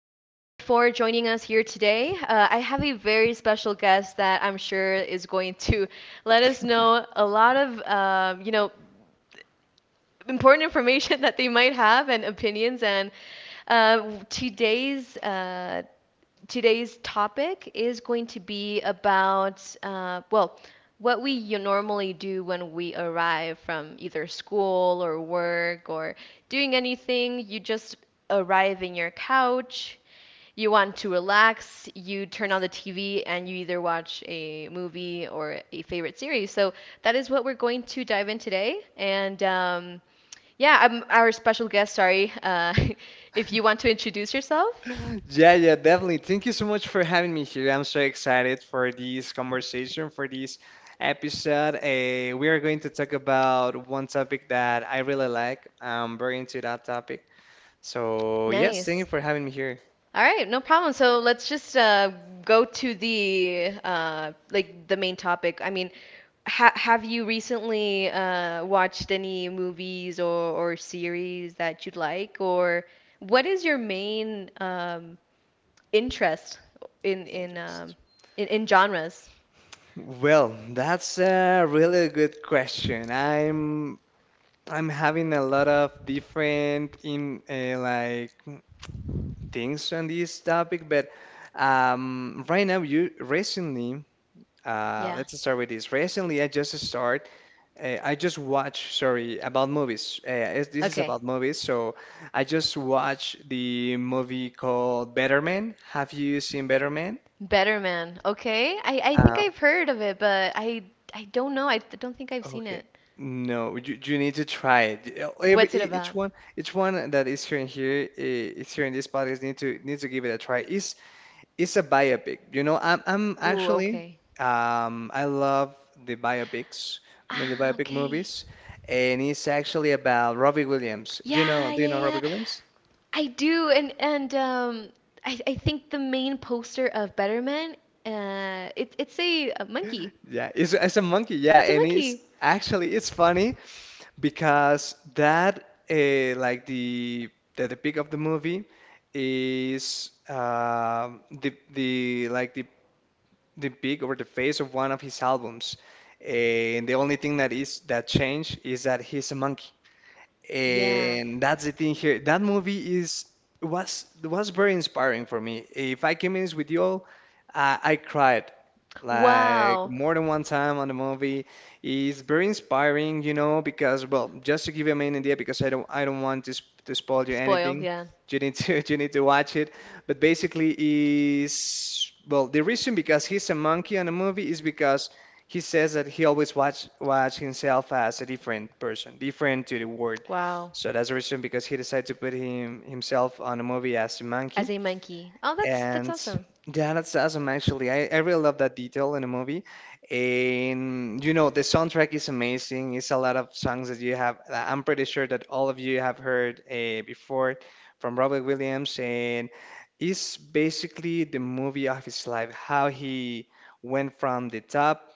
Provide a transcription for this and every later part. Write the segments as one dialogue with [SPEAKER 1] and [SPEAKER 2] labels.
[SPEAKER 1] for joining us here today. I have a very special guest that I'm sure is going to let us know a lot of, important information that they might have and opinions. And uh, today's uh, today's topic is going to be about, what we normally do when we arrive from either school or work or doing anything. You just arrive in your couch, you want to relax, you turn on the TV, and you either watch a movie or a favorite series. So that is what we're going to dive in today. I'm our special guest, sorry. If you want to introduce yourself.
[SPEAKER 2] Yeah, yeah, definitely. Thank you so much for having me here. I'm so excited for this conversation, for this episode. We are going to talk about one topic that I really like. I'm very into that topic. So, yes, thank you
[SPEAKER 1] Nice.
[SPEAKER 2] for having me here.
[SPEAKER 1] All right, no problem. So let's just go to the like the main topic. I mean, ha have you recently watched any movies or series that you'd like, or what is your main interest in in, um,
[SPEAKER 2] Interest.
[SPEAKER 1] in in genres?
[SPEAKER 2] Well, that's a really good question. I'm having a lot of different in like things on this topic, but right now you recently. Uh,
[SPEAKER 1] Yeah.
[SPEAKER 2] let's start with this. Recently, I just start. I just watch. Sorry about movies. This is
[SPEAKER 1] Okay.
[SPEAKER 2] about movies. So I just watched the movie called Better Man. Have you seen Better Man?
[SPEAKER 1] Better Man. Okay. I think
[SPEAKER 2] Uh,
[SPEAKER 1] I've heard of it, but I don't know. I don't think I've seen
[SPEAKER 2] okay.
[SPEAKER 1] it.
[SPEAKER 2] No, you need to try it. Every
[SPEAKER 1] What's it about?
[SPEAKER 2] each one that is here and here, eh, is here in this podcast need to give it a try. It's a biopic. You know, I'm
[SPEAKER 1] Ooh,
[SPEAKER 2] actually
[SPEAKER 1] okay.
[SPEAKER 2] I love the biopics, I mean, the
[SPEAKER 1] Ah,
[SPEAKER 2] biopic
[SPEAKER 1] okay.
[SPEAKER 2] movies, and it's actually about Robbie Williams. Do you know
[SPEAKER 1] Yeah, yeah,
[SPEAKER 2] Robbie
[SPEAKER 1] yeah.
[SPEAKER 2] Williams?
[SPEAKER 1] I do, and I think the main poster of Betterman, it's a monkey.
[SPEAKER 2] Yeah, it's a monkey. Yeah,
[SPEAKER 1] It's a
[SPEAKER 2] and it's
[SPEAKER 1] monkey.
[SPEAKER 2] actually it's funny because that like the peak of the movie is the like the pig over the face of one of his albums. And the only thing that is that changed is that he's a monkey.
[SPEAKER 1] Yeah.
[SPEAKER 2] And that's the thing here. That movie is was very inspiring for me. If I can be honest with you all, I cried like
[SPEAKER 1] Wow.
[SPEAKER 2] more than one time on the movie. It's very inspiring, you know, because well, just to give you a main idea, because I don't want to sp to spoil you
[SPEAKER 1] Spoil.
[SPEAKER 2] anything.
[SPEAKER 1] Yeah.
[SPEAKER 2] You need to you need to watch it. But basically, is well, the reason because he's a monkey on the movie is because he says that he always watch himself as a different person, different to the world.
[SPEAKER 1] Wow.
[SPEAKER 2] So that's the reason because he decided to put himself on a movie as a monkey.
[SPEAKER 1] As a monkey. Oh, that's
[SPEAKER 2] And
[SPEAKER 1] awesome.
[SPEAKER 2] yeah, that's awesome actually. I really love that detail in the movie. And you know, the soundtrack is amazing. It's a lot of songs that you have that I'm pretty sure that all of you have heard before from Robert Williams and it's basically the movie of his life, how he went from the top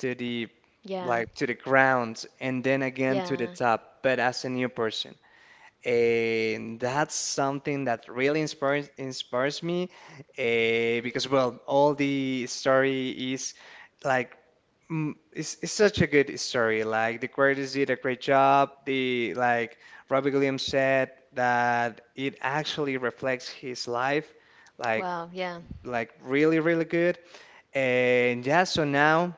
[SPEAKER 2] to the
[SPEAKER 1] Yeah.
[SPEAKER 2] to the ground and then again to the
[SPEAKER 1] Yeah.
[SPEAKER 2] top, but as a new person, and that's something that really inspires me because well all the story is like it's such a good story like the creators did a great job the Robbie Williams said that it actually reflects his life like
[SPEAKER 1] Wow. Yeah.
[SPEAKER 2] really good. And yeah, so now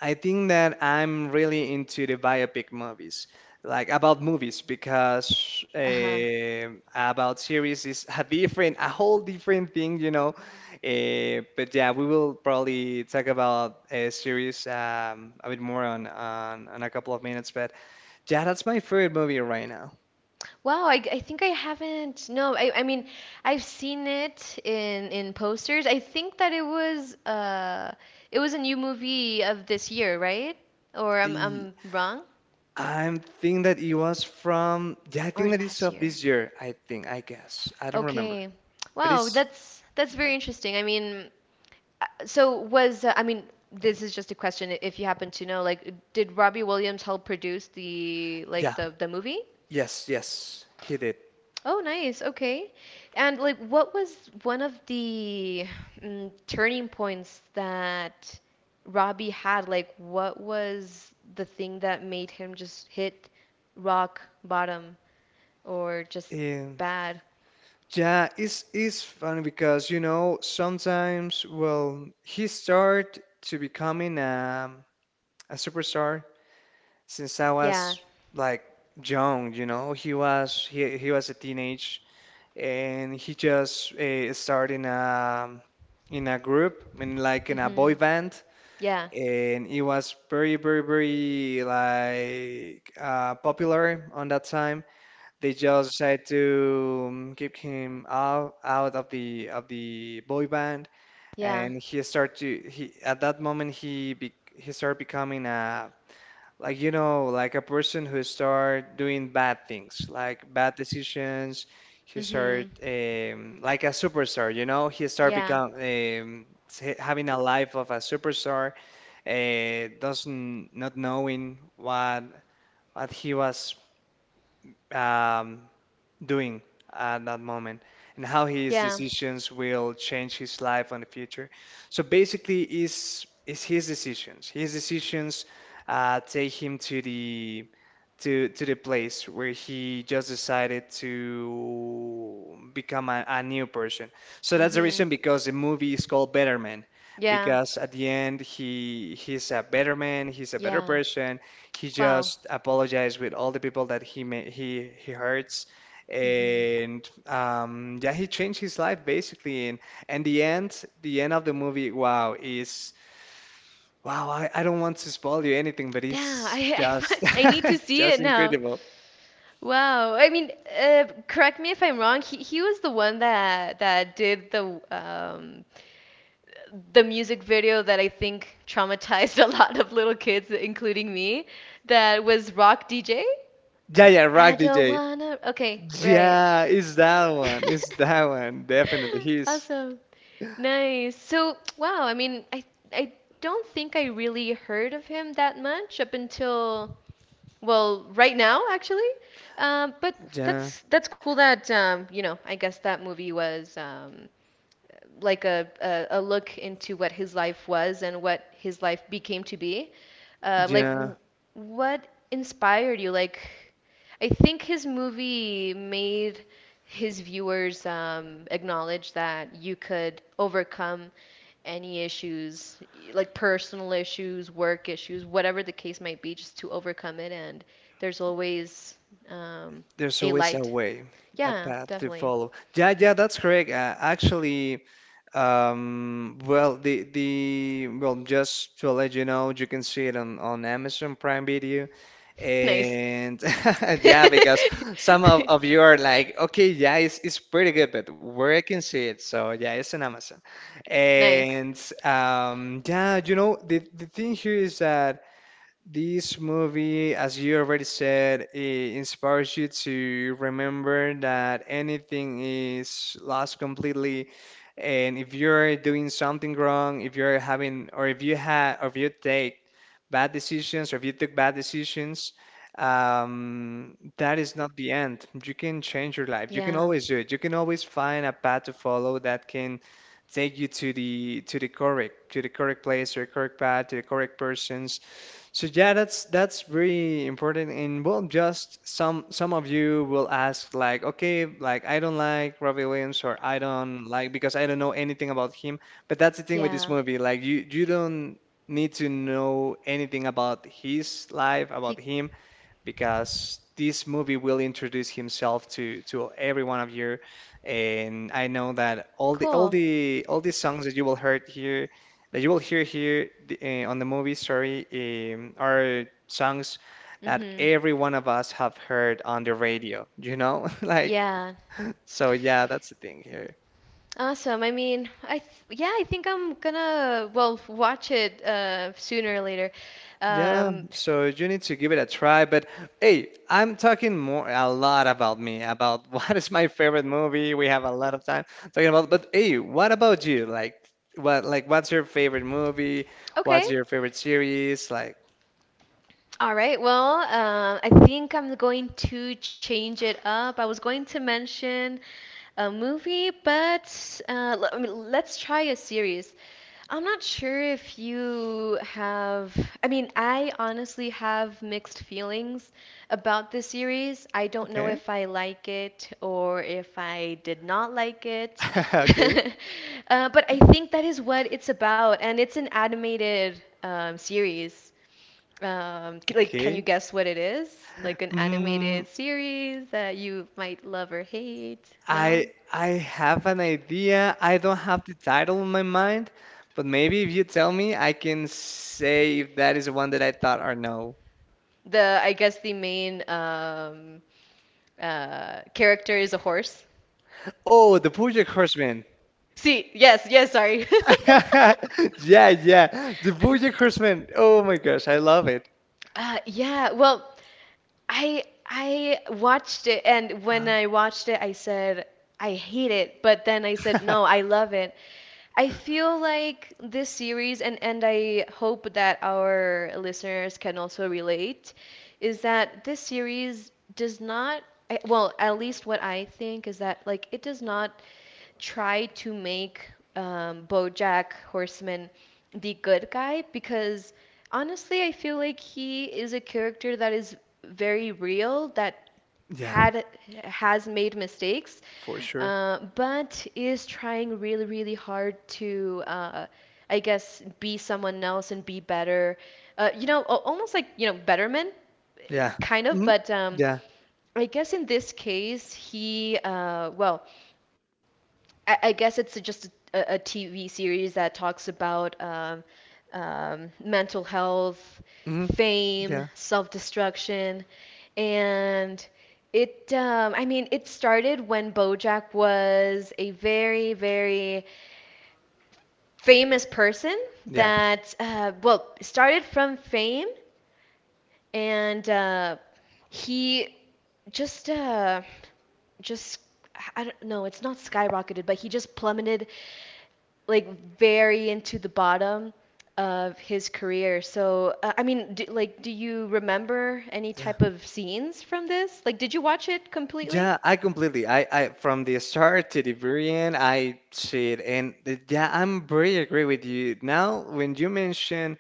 [SPEAKER 2] I think that I'm really into the biopic movies, like about movies, because
[SPEAKER 1] Uh-huh.
[SPEAKER 2] about series is a different, a whole different thing, you know. But yeah, we will probably talk about a series a bit more on, on a couple of minutes. But yeah, that's my favorite movie right now.
[SPEAKER 1] Wow, I think I haven't. No, I mean, I've seen it in posters. I think that it was a new movie of this year, right? Or
[SPEAKER 2] Eh,
[SPEAKER 1] I'm wrong?
[SPEAKER 2] I'm think that it was from, yeah, I
[SPEAKER 1] Or
[SPEAKER 2] think that it's
[SPEAKER 1] last
[SPEAKER 2] of
[SPEAKER 1] year.
[SPEAKER 2] this year. I think, I guess, I don't remember,
[SPEAKER 1] Okay.
[SPEAKER 2] but
[SPEAKER 1] Wow,
[SPEAKER 2] it's
[SPEAKER 1] that's
[SPEAKER 2] yeah,
[SPEAKER 1] very interesting. I mean, so was I mean, this is just a question if you happen to know, did Robbie Williams help produce the
[SPEAKER 2] yeah,
[SPEAKER 1] the movie?
[SPEAKER 2] yes, yes, he did.
[SPEAKER 1] Oh, nice. Okay. And like, what was one of the turning points that Robbie had? Like, what was the thing that made him just hit rock bottom or just
[SPEAKER 2] Um,
[SPEAKER 1] bad?
[SPEAKER 2] yeah, it's funny because you know sometimes well he started to becoming a superstar since I
[SPEAKER 1] Yeah.
[SPEAKER 2] was like young, you know he was he was a teenage and he just started in a group in like in a boy
[SPEAKER 1] Mhm.
[SPEAKER 2] band
[SPEAKER 1] Yeah.
[SPEAKER 2] and it was very very like popular on that time. They just decided to keep him out of the boy band,
[SPEAKER 1] Yeah.
[SPEAKER 2] and he started to he at that moment he be, he started becoming a like you know like a person who start doing bad things like bad decisions. He started
[SPEAKER 1] Mhm.
[SPEAKER 2] like a superstar, you know. He started
[SPEAKER 1] Yeah.
[SPEAKER 2] become having a life of a superstar, doesn't not knowing what he was um, doing at that moment and how his
[SPEAKER 1] Yeah.
[SPEAKER 2] decisions will change his life in the future. So basically, is his decisions. His decisions take him to the to the place where he just decided to become a new person. So that's the
[SPEAKER 1] Mhm.
[SPEAKER 2] reason because the movie is called Better Man.
[SPEAKER 1] Yeah.
[SPEAKER 2] Because at the end he's a better man, he's a better
[SPEAKER 1] Yeah.
[SPEAKER 2] person. He
[SPEAKER 1] Wow.
[SPEAKER 2] just apologized with all the people that he he hurts,
[SPEAKER 1] Mhm.
[SPEAKER 2] and yeah, he changed his life basically. And the end of the movie, wow, is wow. I don't want to spoil you anything, but
[SPEAKER 1] Damn,
[SPEAKER 2] it's just
[SPEAKER 1] I need to see
[SPEAKER 2] just
[SPEAKER 1] it now.
[SPEAKER 2] incredible.
[SPEAKER 1] Wow. I mean, correct me if I'm wrong. He was the one that did the music video that I think traumatized a lot of little kids, including me, that was Rock DJ.
[SPEAKER 2] Yeah, yeah,
[SPEAKER 1] I
[SPEAKER 2] Rock
[SPEAKER 1] don't
[SPEAKER 2] DJ.
[SPEAKER 1] wanna. Okay, right.
[SPEAKER 2] Yeah, it's that one. It's that one. Definitely, he's
[SPEAKER 1] Awesome. Nice. So, wow, I mean, I don't think I really heard of him that much up until right now, actually. But
[SPEAKER 2] yeah,
[SPEAKER 1] that's cool that you know, I guess that movie was like a look into what his life was and what his life became to be. Like,
[SPEAKER 2] yeah.
[SPEAKER 1] what inspired you? Like, I think his movie made his viewers acknowledge that you could overcome any issues, like personal issues, work issues, whatever the case might be, just to overcome it. And there's always um,
[SPEAKER 2] There's
[SPEAKER 1] a
[SPEAKER 2] always a
[SPEAKER 1] light.
[SPEAKER 2] way, a
[SPEAKER 1] Yeah,
[SPEAKER 2] path to
[SPEAKER 1] definitely.
[SPEAKER 2] follow. Yeah, yeah, that's correct. Actually, well, the well, just to let you know, you can see it on Amazon Prime Video,
[SPEAKER 1] nice.
[SPEAKER 2] and yeah, because some of you are like, okay, yeah, it's pretty good, but where I can see it, so yeah, it's on Amazon,
[SPEAKER 1] Nice.
[SPEAKER 2] and yeah, you know, the thing here is that. This movie, as you already said, it inspires you to remember that anything is lost completely. And if you're doing something wrong, if you're having, or if you had, or if you take bad decisions or if you took bad decisions, that is not the end. You can change your life. You can
[SPEAKER 1] Yeah.
[SPEAKER 2] always do it. You can always find a path to follow that can take you to the correct place or correct path to the correct persons. So yeah, that's very important. And well, just some of you will ask like, okay, like I don't like Robbie Williams or I don't like because I don't know anything about him. But that's the thing with this
[SPEAKER 1] Yeah.
[SPEAKER 2] movie, like you don't need to know anything about his life,
[SPEAKER 1] You
[SPEAKER 2] about him, because this movie will introduce himself to every one of you. And I know that all the
[SPEAKER 1] cool.
[SPEAKER 2] songs that you will heard here, that you will hear here on the movie, sorry, are songs that
[SPEAKER 1] Mhm.
[SPEAKER 2] every one of us have heard on the radio. You know, like
[SPEAKER 1] Yeah.
[SPEAKER 2] so. Yeah, that's the thing here.
[SPEAKER 1] Awesome. I mean, I th yeah, I think I'm gonna watch it sooner or later.
[SPEAKER 2] Yeah,
[SPEAKER 1] Um
[SPEAKER 2] so you need to give it a try. But hey, I'm talking more a lot about me, about what is my favorite movie. We have a lot of time talking about, but hey, what about you? Like what what's your favorite movie?
[SPEAKER 1] okay.
[SPEAKER 2] What's your favorite series? Like
[SPEAKER 1] All right. Well, I think I'm going to change it up. I was going to mention a movie, but I mean, let's try a series. I'm not sure if you have. I mean, I honestly have mixed feelings about this series. I don't know
[SPEAKER 2] okay.
[SPEAKER 1] if I like it or if I did not like it.
[SPEAKER 2] Okay.
[SPEAKER 1] But I think that is what it's about, and it's an animated series. Like, can you
[SPEAKER 2] Okay.
[SPEAKER 1] guess what it is? Like an
[SPEAKER 2] Mm,
[SPEAKER 1] animated series that you might love or hate? No?
[SPEAKER 2] I I have an idea. I don't have the title in my mind, but maybe if you tell me, I can say if that is the one that I thought or no.
[SPEAKER 1] The, I guess the main character is a horse.
[SPEAKER 2] Oh, The Bojack Horseman.
[SPEAKER 1] See, yes, yes, sorry.
[SPEAKER 2] Yeah, yeah. The BoJack Horseman. Oh my gosh, I love it.
[SPEAKER 1] Yeah, well, I watched it, and when
[SPEAKER 2] Wow.
[SPEAKER 1] I watched it, I said I hate it, but then I said no, I love it, I feel like this series, and I hope that our listeners can also relate, is that this series does not, at least what I think is that, like, it does not try to make Bojack Horseman the good guy because honestly, I feel like he is a character that is very real, that
[SPEAKER 2] Yeah,
[SPEAKER 1] had has made mistakes,
[SPEAKER 2] for sure.
[SPEAKER 1] but is trying really, really hard to, I guess, be someone else and be better. You know, almost like betterment,
[SPEAKER 2] Yeah.
[SPEAKER 1] kind of.
[SPEAKER 2] hmm
[SPEAKER 1] But
[SPEAKER 2] Yeah.
[SPEAKER 1] I guess in this case, he, I guess it's just a, TV series that talks about mental health,
[SPEAKER 2] hmm
[SPEAKER 1] fame,
[SPEAKER 2] Yeah.
[SPEAKER 1] self-destruction, and it. I mean, it started when BoJack was a very, very famous person
[SPEAKER 2] Yeah.
[SPEAKER 1] that started from fame and he just uh, just I don't know. It's not skyrocketed, but he just plummeted like very into the bottom of his career. So I mean, do, like, do you remember any
[SPEAKER 2] Yeah.
[SPEAKER 1] type of scenes from this? Like, did you watch it completely?
[SPEAKER 2] Yeah, I completely. I from the start to the very end, I see it, and yeah, I'm very agree with you. Now, when you mention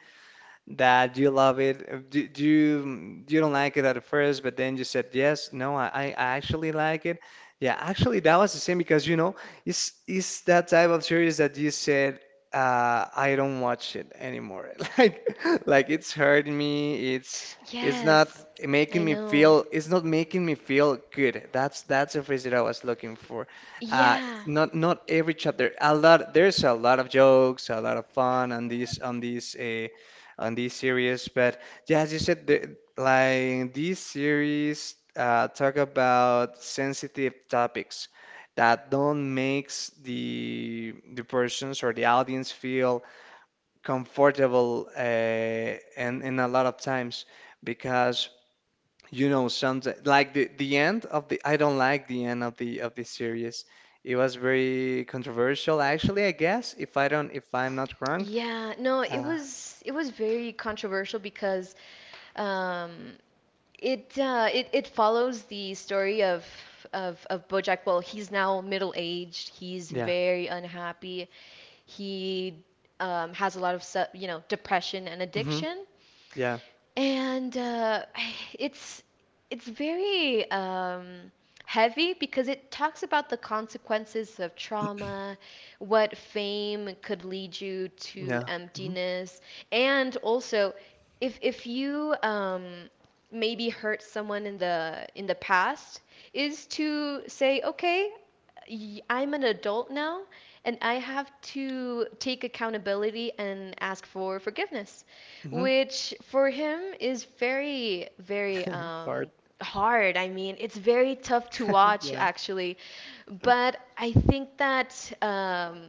[SPEAKER 2] that you love it. Do, do you you don't like it at first, but then you said yes. No, I actually like it. Yeah, actually, that was the same because you know it's that type of series that you said I don't watch it anymore. Like it's hurting me. It's not
[SPEAKER 1] Yes,
[SPEAKER 2] making
[SPEAKER 1] I
[SPEAKER 2] me
[SPEAKER 1] know.
[SPEAKER 2] feel. It's not making me feel good. That's the phrase that I was looking for. Uh,
[SPEAKER 1] Yeah,
[SPEAKER 2] not every chapter. A lot. There's a lot of jokes, a lot of fun on these. On this series. But yeah, as you said, the, like this series talk about sensitive topics that don't makes the persons or the audience feel comfortable and in a lot of times because you know sometimes like the end of the I don't like the end of the series. It was very controversial, actually, I guess, if I don't, if I'm not wrong.
[SPEAKER 1] yeah. No, it
[SPEAKER 2] Uh,
[SPEAKER 1] was very controversial because um, it it follows the story of BoJack. Well, he's now middle aged. He's
[SPEAKER 2] yeah.
[SPEAKER 1] very unhappy. He has a lot of you know depression and
[SPEAKER 2] hmm
[SPEAKER 1] addiction,
[SPEAKER 2] Yeah.
[SPEAKER 1] and it's very heavy because it talks about the consequences of trauma, what fame could lead you to
[SPEAKER 2] Yeah. Mm-hmm.
[SPEAKER 1] emptiness, and also if you maybe hurt someone in the past, is to say, okay, I'm an adult now, and I have to take accountability and ask for forgiveness,
[SPEAKER 2] hmm
[SPEAKER 1] which for him is very, very
[SPEAKER 2] Hard.
[SPEAKER 1] hard. I mean, it's very tough to watch
[SPEAKER 2] Yeah.
[SPEAKER 1] actually, but I think that um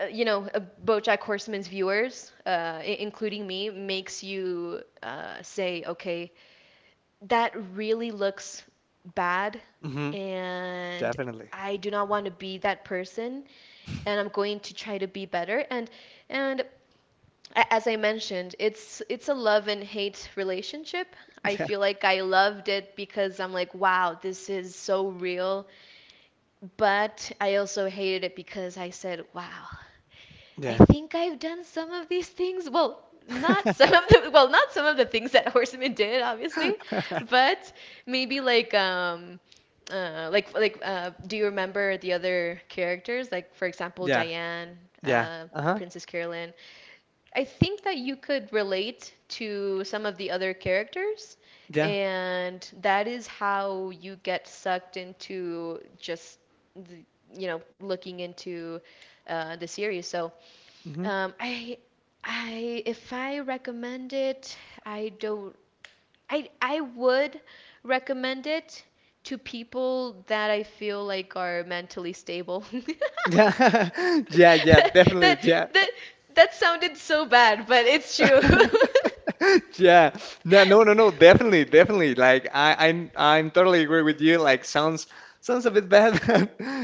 [SPEAKER 1] uh, you know, BoJack Horseman's viewers, including me, makes you say okay, that really looks bad
[SPEAKER 2] hmm
[SPEAKER 1] and
[SPEAKER 2] Definitely.
[SPEAKER 1] I do not want to be that person and I'm going to try to be better and and as I mentioned, it's a love and hate relationship. I
[SPEAKER 2] Yeah.
[SPEAKER 1] feel like I loved it because I'm like, wow, this is so real. But I also hated it because I said, wow, I
[SPEAKER 2] Yeah.
[SPEAKER 1] think I've done some of these things. Well, not some of the well, not some of the things that Horseman did, obviously, but maybe like like do you remember the other characters? Like for example,
[SPEAKER 2] Yeah.
[SPEAKER 1] Diane,
[SPEAKER 2] Yeah.
[SPEAKER 1] uh,
[SPEAKER 2] Uh-huh.
[SPEAKER 1] Princess Carolyn. I think that you could relate to some of the other characters,
[SPEAKER 2] Yeah.
[SPEAKER 1] and that is how you get sucked into just the, you know, looking into the series. So
[SPEAKER 2] hmm
[SPEAKER 1] um, I I if I recommend it, I don't I would recommend it to people that I feel like are mentally stable.
[SPEAKER 2] Yeah. Yeah. Yeah. Definitely.
[SPEAKER 1] That
[SPEAKER 2] Yeah.
[SPEAKER 1] that sounded so bad, but it's true.
[SPEAKER 2] Yeah. No, no, no, no. Definitely, definitely. Like I'm totally agree with you. Like sounds a bit bad.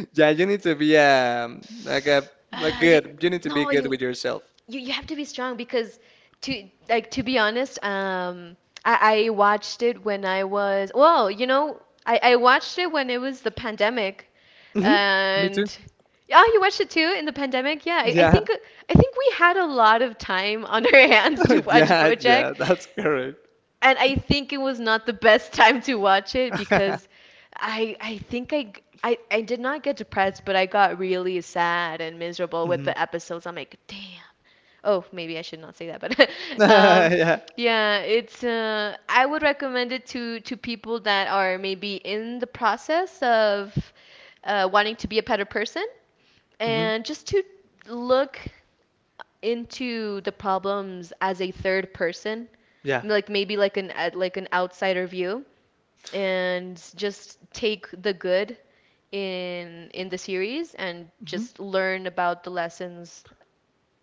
[SPEAKER 2] Yeah, you need to be like a
[SPEAKER 1] You,
[SPEAKER 2] good. You need to be
[SPEAKER 1] no,
[SPEAKER 2] good with yourself.
[SPEAKER 1] you have to be strong because to like to be honest, I watched it when I was I watched it when it was the pandemic,
[SPEAKER 2] Hmm Me
[SPEAKER 1] and
[SPEAKER 2] too.
[SPEAKER 1] oh, you watched it too in the pandemic? Yeah, I
[SPEAKER 2] Yeah.
[SPEAKER 1] think I think we had a lot of time on our hands to watch
[SPEAKER 2] Yeah.
[SPEAKER 1] BoJack,
[SPEAKER 2] Yeah. That's correct.
[SPEAKER 1] and I think it was not the best time to watch it because I think I did not get depressed, but I got really sad and miserable with
[SPEAKER 2] Mhm.
[SPEAKER 1] the episodes. I'm like, damn. Oh, maybe I should not say that, but um,
[SPEAKER 2] Yeah.
[SPEAKER 1] yeah, it's I would recommend it to people that are maybe in the process of wanting to be a better person
[SPEAKER 2] Mhm.
[SPEAKER 1] and just to look into the problems as a third person,
[SPEAKER 2] Yeah.
[SPEAKER 1] like maybe like an outsider view and just take the good in the series and
[SPEAKER 2] Mhm.
[SPEAKER 1] just learn about the lessons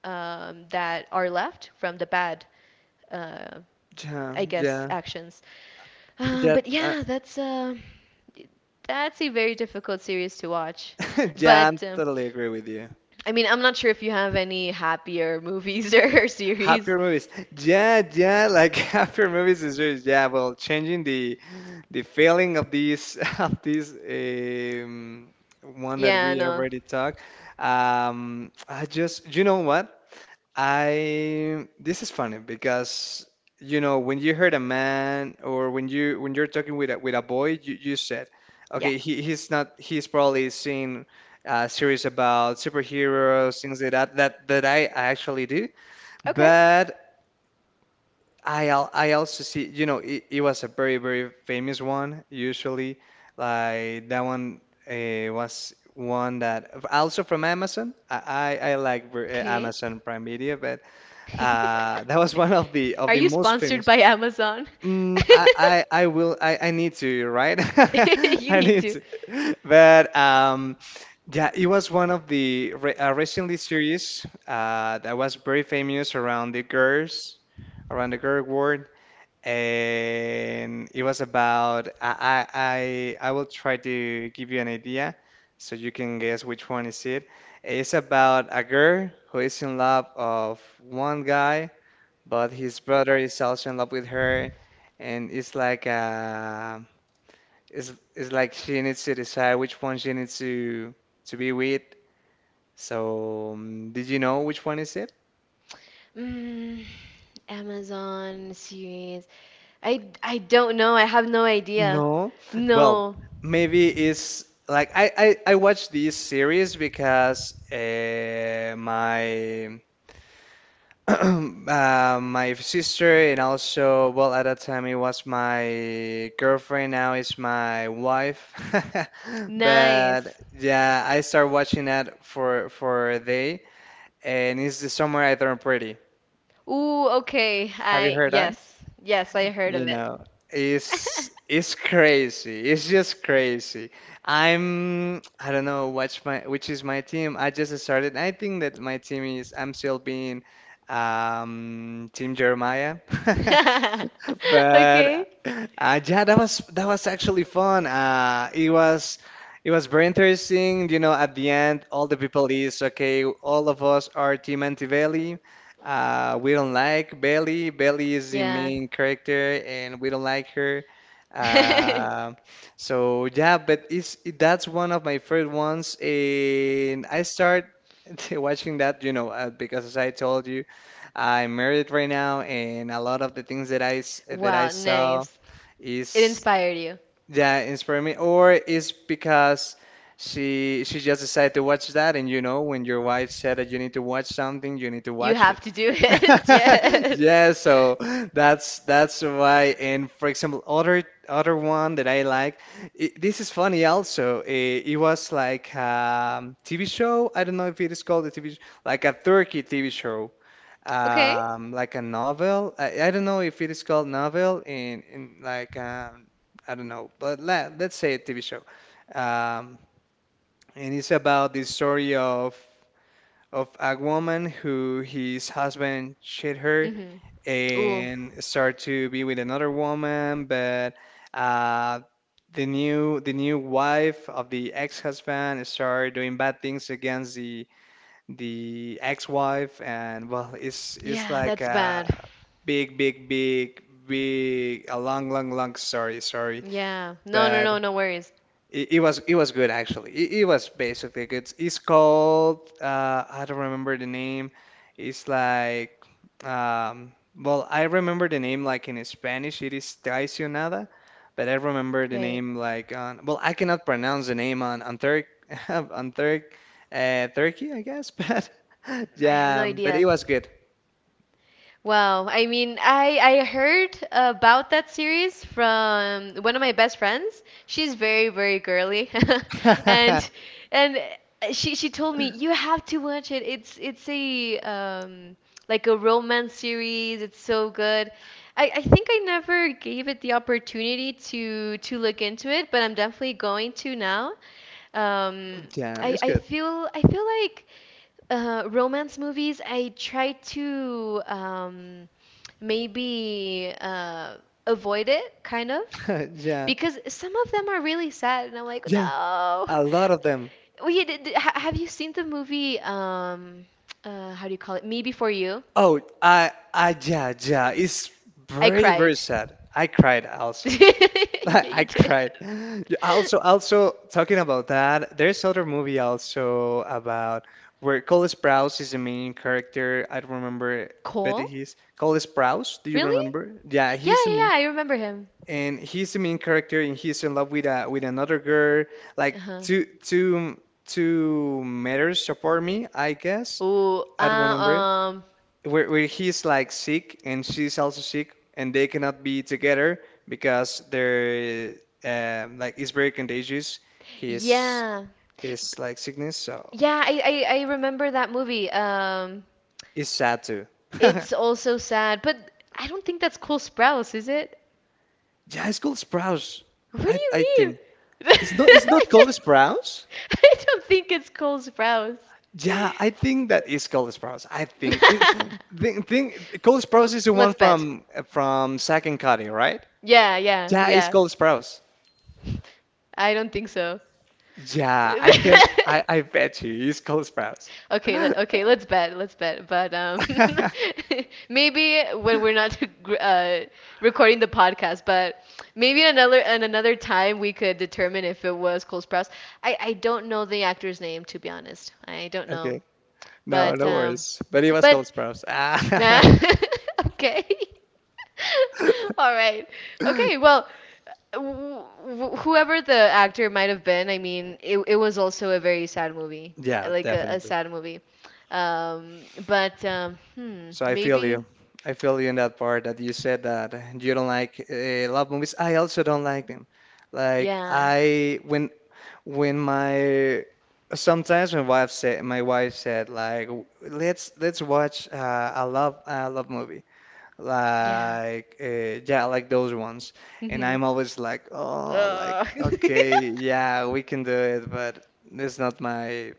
[SPEAKER 1] that are left from the bad uh, I
[SPEAKER 2] Jam.
[SPEAKER 1] guess
[SPEAKER 2] Yeah.
[SPEAKER 1] actions.
[SPEAKER 2] Yeah.
[SPEAKER 1] But yeah, that's a very difficult series to watch.
[SPEAKER 2] Yeah. I
[SPEAKER 1] But
[SPEAKER 2] totally agree with you.
[SPEAKER 1] I mean, I'm not sure if you have any happier movies or series.
[SPEAKER 2] Happier movies. Yeah. Yeah. Like happier movies is just yeah. Well, changing the feeling of these of this one that
[SPEAKER 1] Yeah,
[SPEAKER 2] we
[SPEAKER 1] no.
[SPEAKER 2] already talked. I just you know what? I this is funny because you know when you heard a man or when you're talking with a boy you said
[SPEAKER 1] Yeah.
[SPEAKER 2] okay he's not he's probably seen series about superheroes things like that I actually do
[SPEAKER 1] Okay.
[SPEAKER 2] but I also see it was a very very famous one usually like that one was one that also from Amazon I like
[SPEAKER 1] Okay.
[SPEAKER 2] Amazon Prime Media but that was one of the of
[SPEAKER 1] Are
[SPEAKER 2] the
[SPEAKER 1] you
[SPEAKER 2] most
[SPEAKER 1] sponsored
[SPEAKER 2] famous.
[SPEAKER 1] by Amazon?
[SPEAKER 2] I need to right
[SPEAKER 1] You
[SPEAKER 2] I
[SPEAKER 1] need
[SPEAKER 2] need
[SPEAKER 1] to.
[SPEAKER 2] to but yeah it was one of the re recently series that was very famous around the girl world and it was about I will try to give you an idea so you can guess which one is it. It's about a girl who is in love of one guy but his brother is also in love with her, and it's like it's like she needs to decide which one she needs to be with. So, did you know which one is it?
[SPEAKER 1] Mm, Amazon series. I don't know. I have no idea.
[SPEAKER 2] No. Well,
[SPEAKER 1] No.
[SPEAKER 2] maybe it's like I watched this series because my my sister, and also, well, at that time it was my girlfriend, now it's my wife. But
[SPEAKER 1] Nice.
[SPEAKER 2] yeah, I started watching that for a day, and it's The Summer I Turned Pretty.
[SPEAKER 1] Ooh, okay.
[SPEAKER 2] Have you
[SPEAKER 1] I
[SPEAKER 2] heard that?
[SPEAKER 1] yes. Yes, I heard of
[SPEAKER 2] You
[SPEAKER 1] it.
[SPEAKER 2] know, it's crazy. It's just crazy. I don't know what's my which is my team. I just started. I think that my team is I'm still being Team Jeremiah. But
[SPEAKER 1] Okay.
[SPEAKER 2] yeah, that was actually fun. It was very interesting. You know, at the end, all the people is okay. All of us are Team Anti-Belly. We don't like Belly. Belly is the
[SPEAKER 1] Yeah.
[SPEAKER 2] main character, and we don't like her. Uh, so yeah, but it's that's one of my favorite ones, and I start watching that, because as I told you. I'm married right now, and a lot of the things that that I
[SPEAKER 1] Wow,
[SPEAKER 2] saw
[SPEAKER 1] nice. It
[SPEAKER 2] is
[SPEAKER 1] inspired you.
[SPEAKER 2] yeah, inspire me, or is because she just decided to watch that, and when your wife said that you need to watch something, you need to
[SPEAKER 1] You
[SPEAKER 2] watch
[SPEAKER 1] have
[SPEAKER 2] it.
[SPEAKER 1] to do it. Yes.
[SPEAKER 2] Yeah, so that's why. And for example, other one that I like, this is funny also. It was like TV show. I don't know if it is called like a Turkey TV show,
[SPEAKER 1] Okay.
[SPEAKER 2] like a novel. I don't know if it is called novel in like I don't know, but let's say a TV show. Um, and it's about the story of a woman who his husband cheated her
[SPEAKER 1] Mhm. Ooh.
[SPEAKER 2] and start to be with another woman, but uh, the new wife of the ex-husband start doing bad things against the ex-wife, and well, it's
[SPEAKER 1] Yeah,
[SPEAKER 2] like
[SPEAKER 1] that's
[SPEAKER 2] a
[SPEAKER 1] bad.
[SPEAKER 2] big, big, big, big, a long, long, long story, sorry.
[SPEAKER 1] Yeah. No, no,
[SPEAKER 2] But
[SPEAKER 1] no, no worries.
[SPEAKER 2] It, it was good actually. It was basically good. It's called I don't remember the name. It's like well, I remember the name like in Spanish it is Traicionada, but I remember the
[SPEAKER 1] Right.
[SPEAKER 2] name like on well I cannot pronounce the name on Turk on Turk Turkey I guess, but
[SPEAKER 1] I have no
[SPEAKER 2] yeah, but
[SPEAKER 1] idea.
[SPEAKER 2] it was good.
[SPEAKER 1] Wow, I mean, I heard about that series from one of my best friends. She's very, very girly. And and she told me you have to watch it. It's a like a romance series. It's so good. I think I never gave it the opportunity to look into it, but I'm definitely going to now. Um,
[SPEAKER 2] Yeah,
[SPEAKER 1] I
[SPEAKER 2] it's
[SPEAKER 1] I
[SPEAKER 2] good.
[SPEAKER 1] feel I feel like romance movies, I try to maybe avoid, it, kind of,
[SPEAKER 2] Yeah,
[SPEAKER 1] because some of them are really sad, and I'm like,
[SPEAKER 2] yeah,
[SPEAKER 1] no.
[SPEAKER 2] a lot of them.
[SPEAKER 1] We have you seen the movie? How do you call it? Me Before You.
[SPEAKER 2] Oh, yeah, yeah. It's
[SPEAKER 1] I
[SPEAKER 2] very, very
[SPEAKER 1] cried.
[SPEAKER 2] sad. I cried also. Like
[SPEAKER 1] Yeah,
[SPEAKER 2] I
[SPEAKER 1] you did.
[SPEAKER 2] cried. Yeah, also, talking about that, there's other movie also about where Cole Sprouse is the main character. I don't remember, but
[SPEAKER 1] Cole?
[SPEAKER 2] he's Cole Sprouse. Do you
[SPEAKER 1] Really?
[SPEAKER 2] remember? Yeah,
[SPEAKER 1] Yeah,
[SPEAKER 2] he's the
[SPEAKER 1] yeah,
[SPEAKER 2] main,
[SPEAKER 1] yeah, I remember him.
[SPEAKER 2] and he's the main character, and he's in love with another girl, like
[SPEAKER 1] Uh-huh.
[SPEAKER 2] two two two meters apart me, I guess.
[SPEAKER 1] Ooh, uh,
[SPEAKER 2] I don't remember
[SPEAKER 1] um,
[SPEAKER 2] where he's like sick and she's also sick and they cannot be together because they're like it's very contagious. His
[SPEAKER 1] yeah.
[SPEAKER 2] his like sickness, so
[SPEAKER 1] Yeah, I remember that movie.
[SPEAKER 2] it's sad too.
[SPEAKER 1] It's also sad, but I don't think that's Cole Sprouse, is it?
[SPEAKER 2] Yeah, it's called Sprouse.
[SPEAKER 1] What do
[SPEAKER 2] I
[SPEAKER 1] you mean?
[SPEAKER 2] think it's not it's
[SPEAKER 1] I
[SPEAKER 2] not called
[SPEAKER 1] don't
[SPEAKER 2] Sprouse.
[SPEAKER 1] I don't think it's Cole Sprouse.
[SPEAKER 2] Yeah, I think that is called Sprouse. I think called Sprouse is the one
[SPEAKER 1] Let's bet.
[SPEAKER 2] from Zack and Cody, right?
[SPEAKER 1] Yeah, yeah,
[SPEAKER 2] Yeah, it's
[SPEAKER 1] yeah.
[SPEAKER 2] called Sprouse.
[SPEAKER 1] I don't think so.
[SPEAKER 2] Yeah, I can. I bet you he's Cole Sprouse.
[SPEAKER 1] Okay, okay, let's bet, let's bet. But maybe when we're not gr- uh, recording the podcast, but maybe in another time we could determine if it was Cole Sprouse. I don't know the actor's name, to be honest. I don't know,
[SPEAKER 2] Okay, no,
[SPEAKER 1] but
[SPEAKER 2] no worries. But he was Cole
[SPEAKER 1] but
[SPEAKER 2] Sprouse. Ah,
[SPEAKER 1] okay. All right. Okay, well, w- whoever the actor might have been, I mean, it was also a very sad movie,
[SPEAKER 2] yeah,
[SPEAKER 1] like a
[SPEAKER 2] definitely.
[SPEAKER 1] sad movie.
[SPEAKER 2] So I feel
[SPEAKER 1] Maybe,
[SPEAKER 2] you. I feel you in that part that you said that you don't like love movies. I also don't like them. Like
[SPEAKER 1] yeah,
[SPEAKER 2] I when my sometimes my wife said like let's watch a love movie.
[SPEAKER 1] yeah.
[SPEAKER 2] Like, yeah, like those ones. And
[SPEAKER 1] Hmm.
[SPEAKER 2] I'm always like, oh, like,
[SPEAKER 1] Ugh.
[SPEAKER 2] okay, yeah, we can do it, but it's not my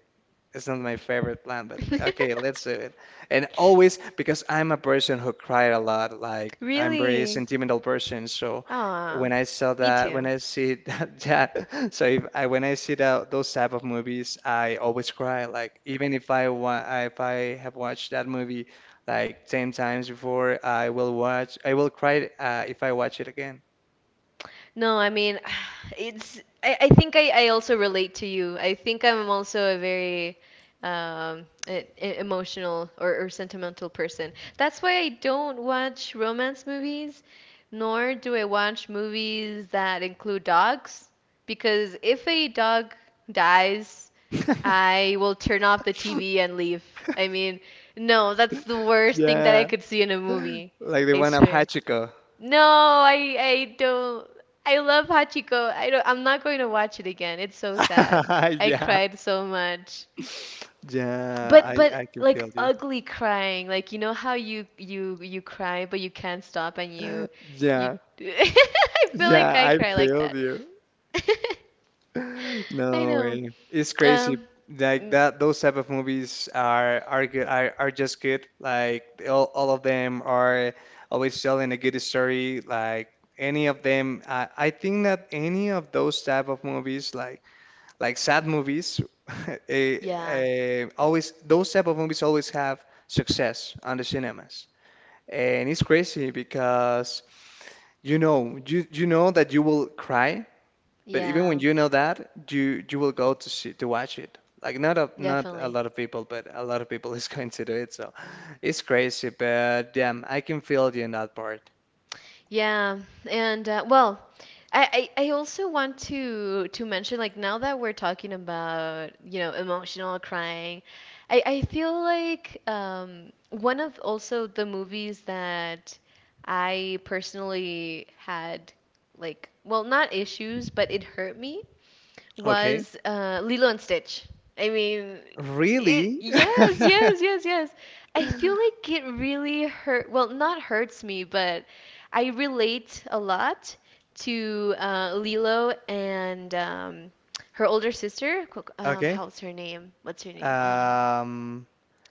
[SPEAKER 2] it's not my favorite plant, but okay, let's do it. And always, because I'm a person who cried a lot, like I'm very
[SPEAKER 1] Really?
[SPEAKER 2] sentimental person, so
[SPEAKER 1] Aw,
[SPEAKER 2] when I saw
[SPEAKER 1] me
[SPEAKER 2] that, when
[SPEAKER 1] too.
[SPEAKER 2] I see that, that so if I when I see that those type of movies, I always cry. Like even if I wa if I have watched that movie like 10 times before, I will cry if I watch it again.
[SPEAKER 1] No, I mean, it's. I think I also relate to you. I think I'm also a very emotional, or, sentimental person. That's why I don't watch romance movies, nor do I watch movies that include dogs. Because if a dog dies, I will turn off the TV and leave. I mean, no, that's the worst thing that I
[SPEAKER 2] Yeah,
[SPEAKER 1] could see in a movie.
[SPEAKER 2] like the
[SPEAKER 1] I
[SPEAKER 2] one of
[SPEAKER 1] swear.
[SPEAKER 2] Hachiko.
[SPEAKER 1] No, I don't. I love Hachiko. I don't, I'm not going to watch it again. It's so sad. I
[SPEAKER 2] Yeah.
[SPEAKER 1] cried so much.
[SPEAKER 2] Yeah,
[SPEAKER 1] But
[SPEAKER 2] I I can
[SPEAKER 1] like
[SPEAKER 2] feel you.
[SPEAKER 1] ugly crying. Like, you know how you cry but you can't stop and you,
[SPEAKER 2] Yeah,
[SPEAKER 1] I feel like
[SPEAKER 2] yeah,
[SPEAKER 1] I
[SPEAKER 2] I
[SPEAKER 1] cry like
[SPEAKER 2] failed
[SPEAKER 1] that.
[SPEAKER 2] you.
[SPEAKER 1] I
[SPEAKER 2] No
[SPEAKER 1] know.
[SPEAKER 2] way. It's crazy.
[SPEAKER 1] Um
[SPEAKER 2] Like
[SPEAKER 1] y-
[SPEAKER 2] those type of movies are good. Are just good. Like all of them are always telling a good story. Like any of them, I think that any of those type of movies, like sad movies, eh,
[SPEAKER 1] yeah.
[SPEAKER 2] always those type of movies always have success on the cinemas. And it's crazy because you know, you know that you will cry, but even when
[SPEAKER 1] Yeah,
[SPEAKER 2] you know that, you will go to watch it. Like not a
[SPEAKER 1] definitely.
[SPEAKER 2] lot of people, but a lot of people is going to do it. So it's crazy, but damn, I can feel you in that part.
[SPEAKER 1] Yeah, and well, I also want to mention, like, now that we're talking about, you know, emotional crying, I feel like one of also the movies that I personally had, like, well, not issues but it hurt me
[SPEAKER 2] Okay.
[SPEAKER 1] was Lilo and Stitch. I mean, it,
[SPEAKER 2] Really?
[SPEAKER 1] yes, yes, yes, yes. I feel like it really hurt. Well, not hurts me, but I relate a lot to Lilo and her older sister.
[SPEAKER 2] Okay.
[SPEAKER 1] How's her name? What's her name?
[SPEAKER 2] Um,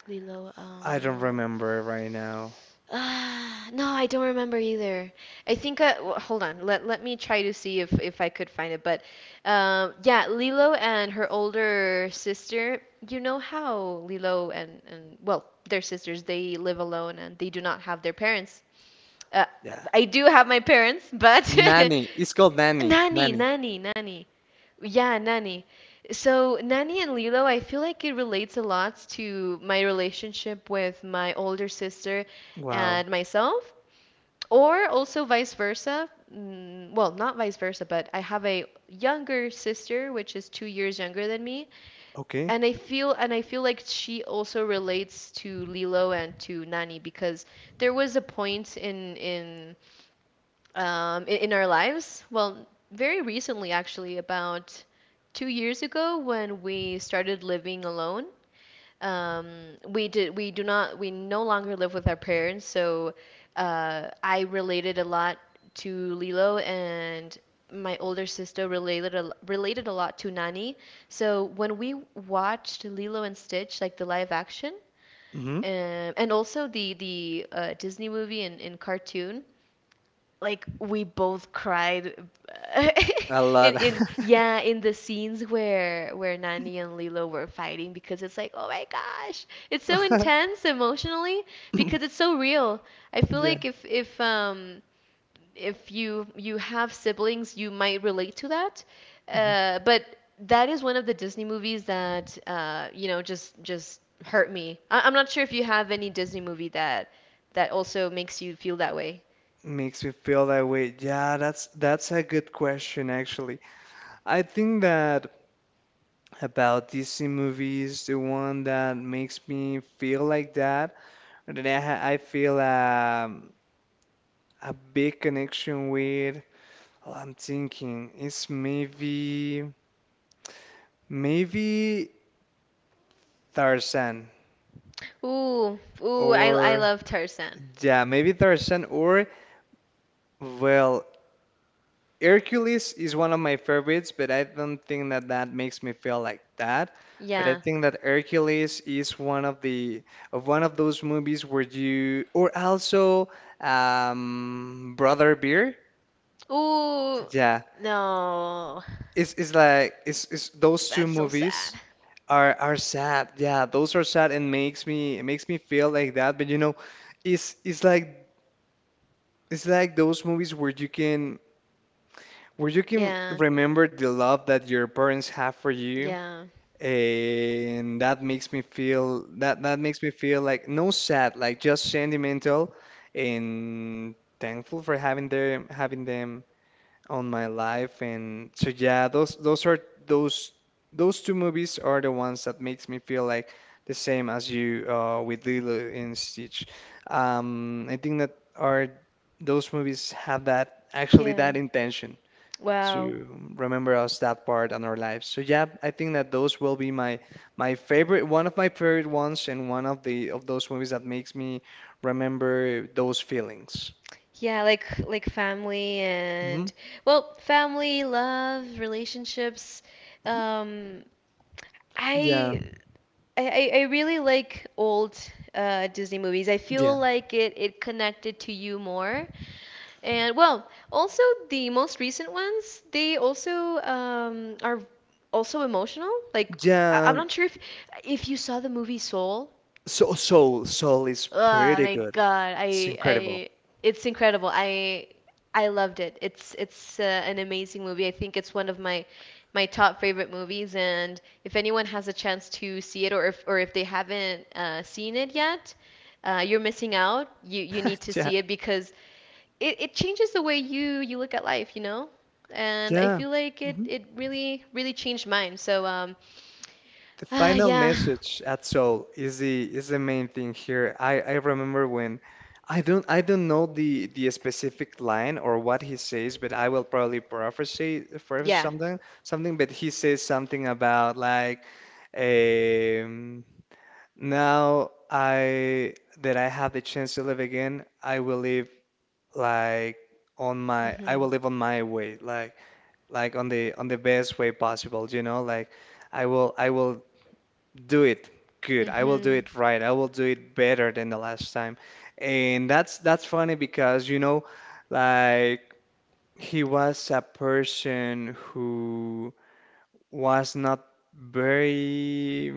[SPEAKER 1] Lilo.
[SPEAKER 2] I don't remember right now.
[SPEAKER 1] No, I don't remember either. I think hold on. Let me try to see if I could find it. But yeah, Lilo and her older sister. You know how Lilo and, well, their sisters. They live alone and they do not have their parents. Uh,
[SPEAKER 2] Yeah.
[SPEAKER 1] I do have my parents, but
[SPEAKER 2] Nanny. It's called Nanny.
[SPEAKER 1] nanny,
[SPEAKER 2] Nanny.
[SPEAKER 1] nanny, nanny. Yeah, Nani. So, Nani and Lilo, I feel like it relates a lot to my relationship with my older sister
[SPEAKER 2] Wow.
[SPEAKER 1] and myself, or also vice versa. Mm, well, not vice versa, but I have a younger sister which is 2 years younger than me,
[SPEAKER 2] Okay.
[SPEAKER 1] and I feel like she also relates to Lilo and to Nani because there was a point in our lives. Well, very recently, actually, about 2 years ago, when we started living alone. um, we did we do not we no longer live with our parents. So I related a lot to Lilo, and my older sister related a lot to Nani. So when we watched Lilo and Stitch, like the live action.
[SPEAKER 2] Mm-hmm.
[SPEAKER 1] And also the Disney movie and cartoon, like, we both cried
[SPEAKER 2] A
[SPEAKER 1] in,
[SPEAKER 2] lot.
[SPEAKER 1] yeah, in the scenes where Nani and Lilo were fighting, because it's like, oh my gosh, it's so intense emotionally because it's so real. I feel
[SPEAKER 2] Yeah.
[SPEAKER 1] like if you have siblings, you might relate to that,
[SPEAKER 2] Mm-hmm.
[SPEAKER 1] but that is one of the Disney movies that you know, just hurt me. I'm not sure if you have any Disney movie that also makes you feel that way.
[SPEAKER 2] Makes me feel that way. Yeah, that's a good question actually. I think that about Disney movies, the one that makes me feel like that, that I feel a big connection with. Oh, I'm thinking it's maybe Tarzan
[SPEAKER 1] Ooh, ooh, I
[SPEAKER 2] or
[SPEAKER 1] love Tarzan.
[SPEAKER 2] yeah, maybe Tarzan or well, Hercules is one of my favorites, but I don't think that that makes me feel like that. But I
[SPEAKER 1] Yeah.
[SPEAKER 2] think that Hercules is one of those movies where you or also Brother Bear.
[SPEAKER 1] Ooh,
[SPEAKER 2] Yeah,
[SPEAKER 1] no.
[SPEAKER 2] it's like it's those two
[SPEAKER 1] That's so sad.
[SPEAKER 2] movies are sad. Yeah, those are sad and makes me it makes me feel like that. But you know, it's it's like it's like those movies where you can where you can
[SPEAKER 1] Yeah,
[SPEAKER 2] remember the love that your parents have for you
[SPEAKER 1] yeah,
[SPEAKER 2] and that makes me feel that that makes me feel like no sad, like just sentimental and thankful for having them on my life. And so yeah, those those two movies are the ones that makes me feel like the same as you with Lilo and Stitch. I think that are those movies have that actually
[SPEAKER 1] yeah.
[SPEAKER 2] that intention
[SPEAKER 1] Wow.
[SPEAKER 2] to remember us that part in our lives. So yeah, I think that those will be my favorite, one of my favorite ones, and one of the of those movies that makes me remember those feelings.
[SPEAKER 1] Yeah, like,
[SPEAKER 2] Hmm.
[SPEAKER 1] family, love, relationships. Um,
[SPEAKER 2] Yeah,
[SPEAKER 1] I I really like old Disney movies. I
[SPEAKER 2] yeah,
[SPEAKER 1] feel like it connected to you more. And, well, also the most recent ones, they also are also emotional. Like,
[SPEAKER 2] yeah.
[SPEAKER 1] I'm not sure if you saw the movie Soul.
[SPEAKER 2] So Soul, is
[SPEAKER 1] Oh
[SPEAKER 2] pretty
[SPEAKER 1] my
[SPEAKER 2] good.
[SPEAKER 1] God,
[SPEAKER 2] It's
[SPEAKER 1] I
[SPEAKER 2] incredible.
[SPEAKER 1] I it's incredible. I loved it. It's an amazing movie. I think it's one of my top favorite movies. And if anyone has a chance to see it, or if they haven't seen it yet, you're missing out. You need to
[SPEAKER 2] Yeah,
[SPEAKER 1] see it because it changes the way you look at life, you know? And I
[SPEAKER 2] yeah.
[SPEAKER 1] feel like
[SPEAKER 2] Mhm.
[SPEAKER 1] it really really changed mine. So
[SPEAKER 2] The
[SPEAKER 1] ah,
[SPEAKER 2] final
[SPEAKER 1] yeah,
[SPEAKER 2] message at Seoul is the main thing here. I remember when I don't know the specific line or what he says, but I will probably paraphrase
[SPEAKER 1] yeah.
[SPEAKER 2] something. But he says something about like um, now I that I have the chance to live again, like I will
[SPEAKER 1] Mhm.
[SPEAKER 2] live on my way, like on the best way possible, you know, like. I will do it good. I will do
[SPEAKER 1] Mhm.
[SPEAKER 2] it right. I will do it better than the last time. And that's funny because you know, like he was a person who was not very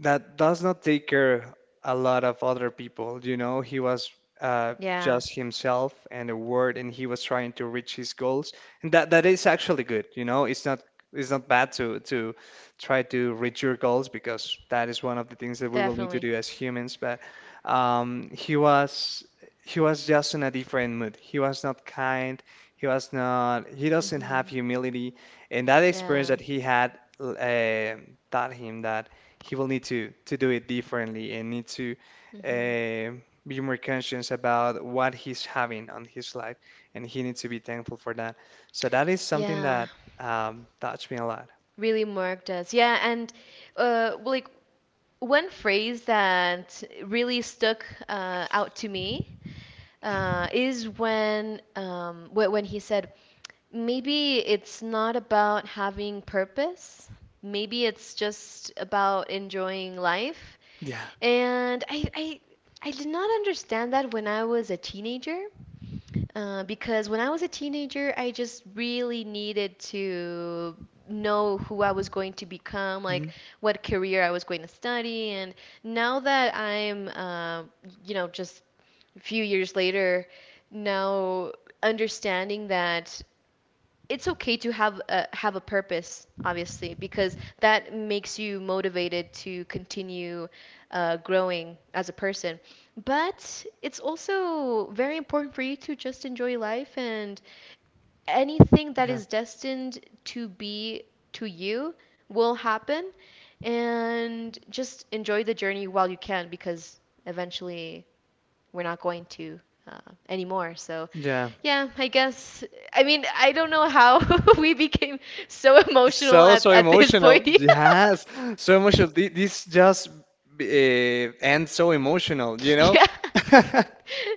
[SPEAKER 2] that does not take care a lot of other people. You know, he was
[SPEAKER 1] Yeah.
[SPEAKER 2] just himself and a word, and he was trying to reach his goals, and that is actually good. You know, it's not bad to try to reach your goals because that is one of the things that we will need to
[SPEAKER 1] Definitely.
[SPEAKER 2] do as humans. But um, he was he was just in a different mood. He was not kind. He was not. He doesn't have
[SPEAKER 1] Hmm.
[SPEAKER 2] humility, and that experience
[SPEAKER 1] Yeah.
[SPEAKER 2] that he had taught him that he will need to do it differently and need to
[SPEAKER 1] Hmm.
[SPEAKER 2] uh, be more conscious about what he's having on his life, and he needs to be thankful for that. So that is something
[SPEAKER 1] Yeah.
[SPEAKER 2] that touched me a lot.
[SPEAKER 1] Really, Mark does. Yeah, and like, one phrase that really stuck out to me is when when he said, "Maybe it's not about having purpose. Maybe it's just about enjoying life."
[SPEAKER 2] Yeah.
[SPEAKER 1] And I, I did not understand that when I was a teenager. Because when I was a teenager, I just really needed to know who I was going to become, like
[SPEAKER 2] Mhm.
[SPEAKER 1] what career I was going to study. And now that I'm, you know, just a few years later, now understanding that it's okay to have a purpose, obviously because that makes you motivated to continue growing as a person, but it's also very important for you to just enjoy life, and anything that
[SPEAKER 2] Yeah.
[SPEAKER 1] is destined to be to you will happen, and just enjoy the journey while you can because eventually we're not going to uh, anymore. So,
[SPEAKER 2] Yeah.
[SPEAKER 1] yeah, I guess. I mean, I don't know how we became so emotional
[SPEAKER 2] So, so
[SPEAKER 1] at this
[SPEAKER 2] emotional.
[SPEAKER 1] point.
[SPEAKER 2] Yes. So emotional. This just ends so emotional, you know?
[SPEAKER 1] yeah,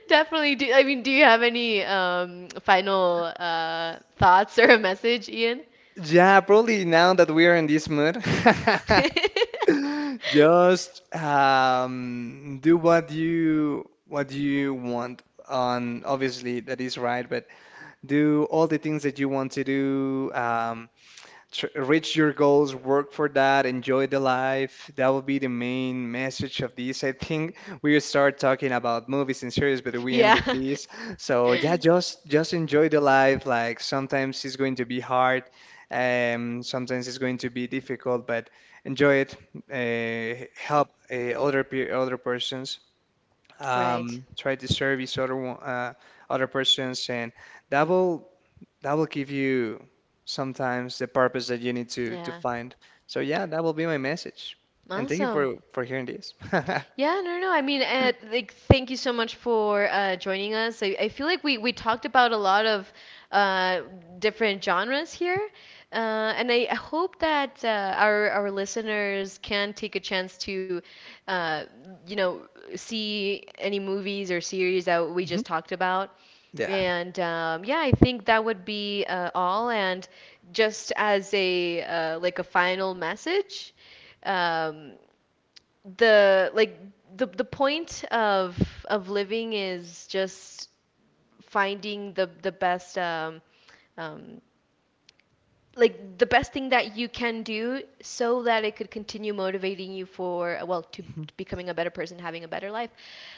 [SPEAKER 1] definitely. I mean, do you have any final thoughts or a message, Ian?
[SPEAKER 2] Yeah, probably now that we are in this mood. Just do what you want. On obviously that is right, but do all the things that you want to do. Reach your goals, work for that, enjoy the life. That will be the main message of this. I think we start talking about movies and series, but we end with
[SPEAKER 1] yeah.
[SPEAKER 2] this. So yeah, just enjoy the life. Like sometimes it's going to be hard, sometimes it's going to be difficult, but enjoy it. Help other persons.
[SPEAKER 1] Right.
[SPEAKER 2] Try to service other persons, and that will that will give you sometimes the purpose that you need to
[SPEAKER 1] Yeah.
[SPEAKER 2] find. So yeah, that will be my message. And thank you
[SPEAKER 1] Awesome.
[SPEAKER 2] for hearing this.
[SPEAKER 1] Yeah, no, no, no. I mean, like, thank you so much for joining us. I feel like we talked about a lot of uh, different genres here, uh, and I hope that our listeners can take a chance to, uh, you know, see any movies or series that we
[SPEAKER 2] Mhm.
[SPEAKER 1] just talked about.
[SPEAKER 2] Yeah.
[SPEAKER 1] And yeah, I think that would be all. And just as a like a final message, um, the, like, the point of living is just finding the best um like the best thing that you can do so that it could continue motivating you for, well, to
[SPEAKER 2] Mhm.
[SPEAKER 1] becoming a better person, having a better life,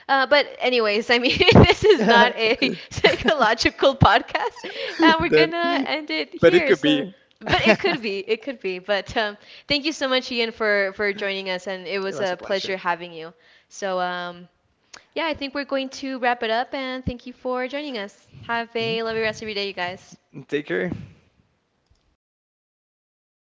[SPEAKER 1] but anyways, I mean, this is not a psychological podcast, and we're gonna
[SPEAKER 2] That-
[SPEAKER 1] end it
[SPEAKER 2] but it
[SPEAKER 1] here.
[SPEAKER 2] could
[SPEAKER 1] So,
[SPEAKER 2] be.
[SPEAKER 1] but it could be, it could be. But thank you so much, Ian, for joining us, and it
[SPEAKER 2] It
[SPEAKER 1] was
[SPEAKER 2] was a
[SPEAKER 1] a pleasure
[SPEAKER 2] pleasure.
[SPEAKER 1] having you. So, yeah, I think we're going to wrap it up, and thank you for joining us. Have a
[SPEAKER 2] Mhm.
[SPEAKER 1] lovely rest of your day, you guys.
[SPEAKER 2] Take care.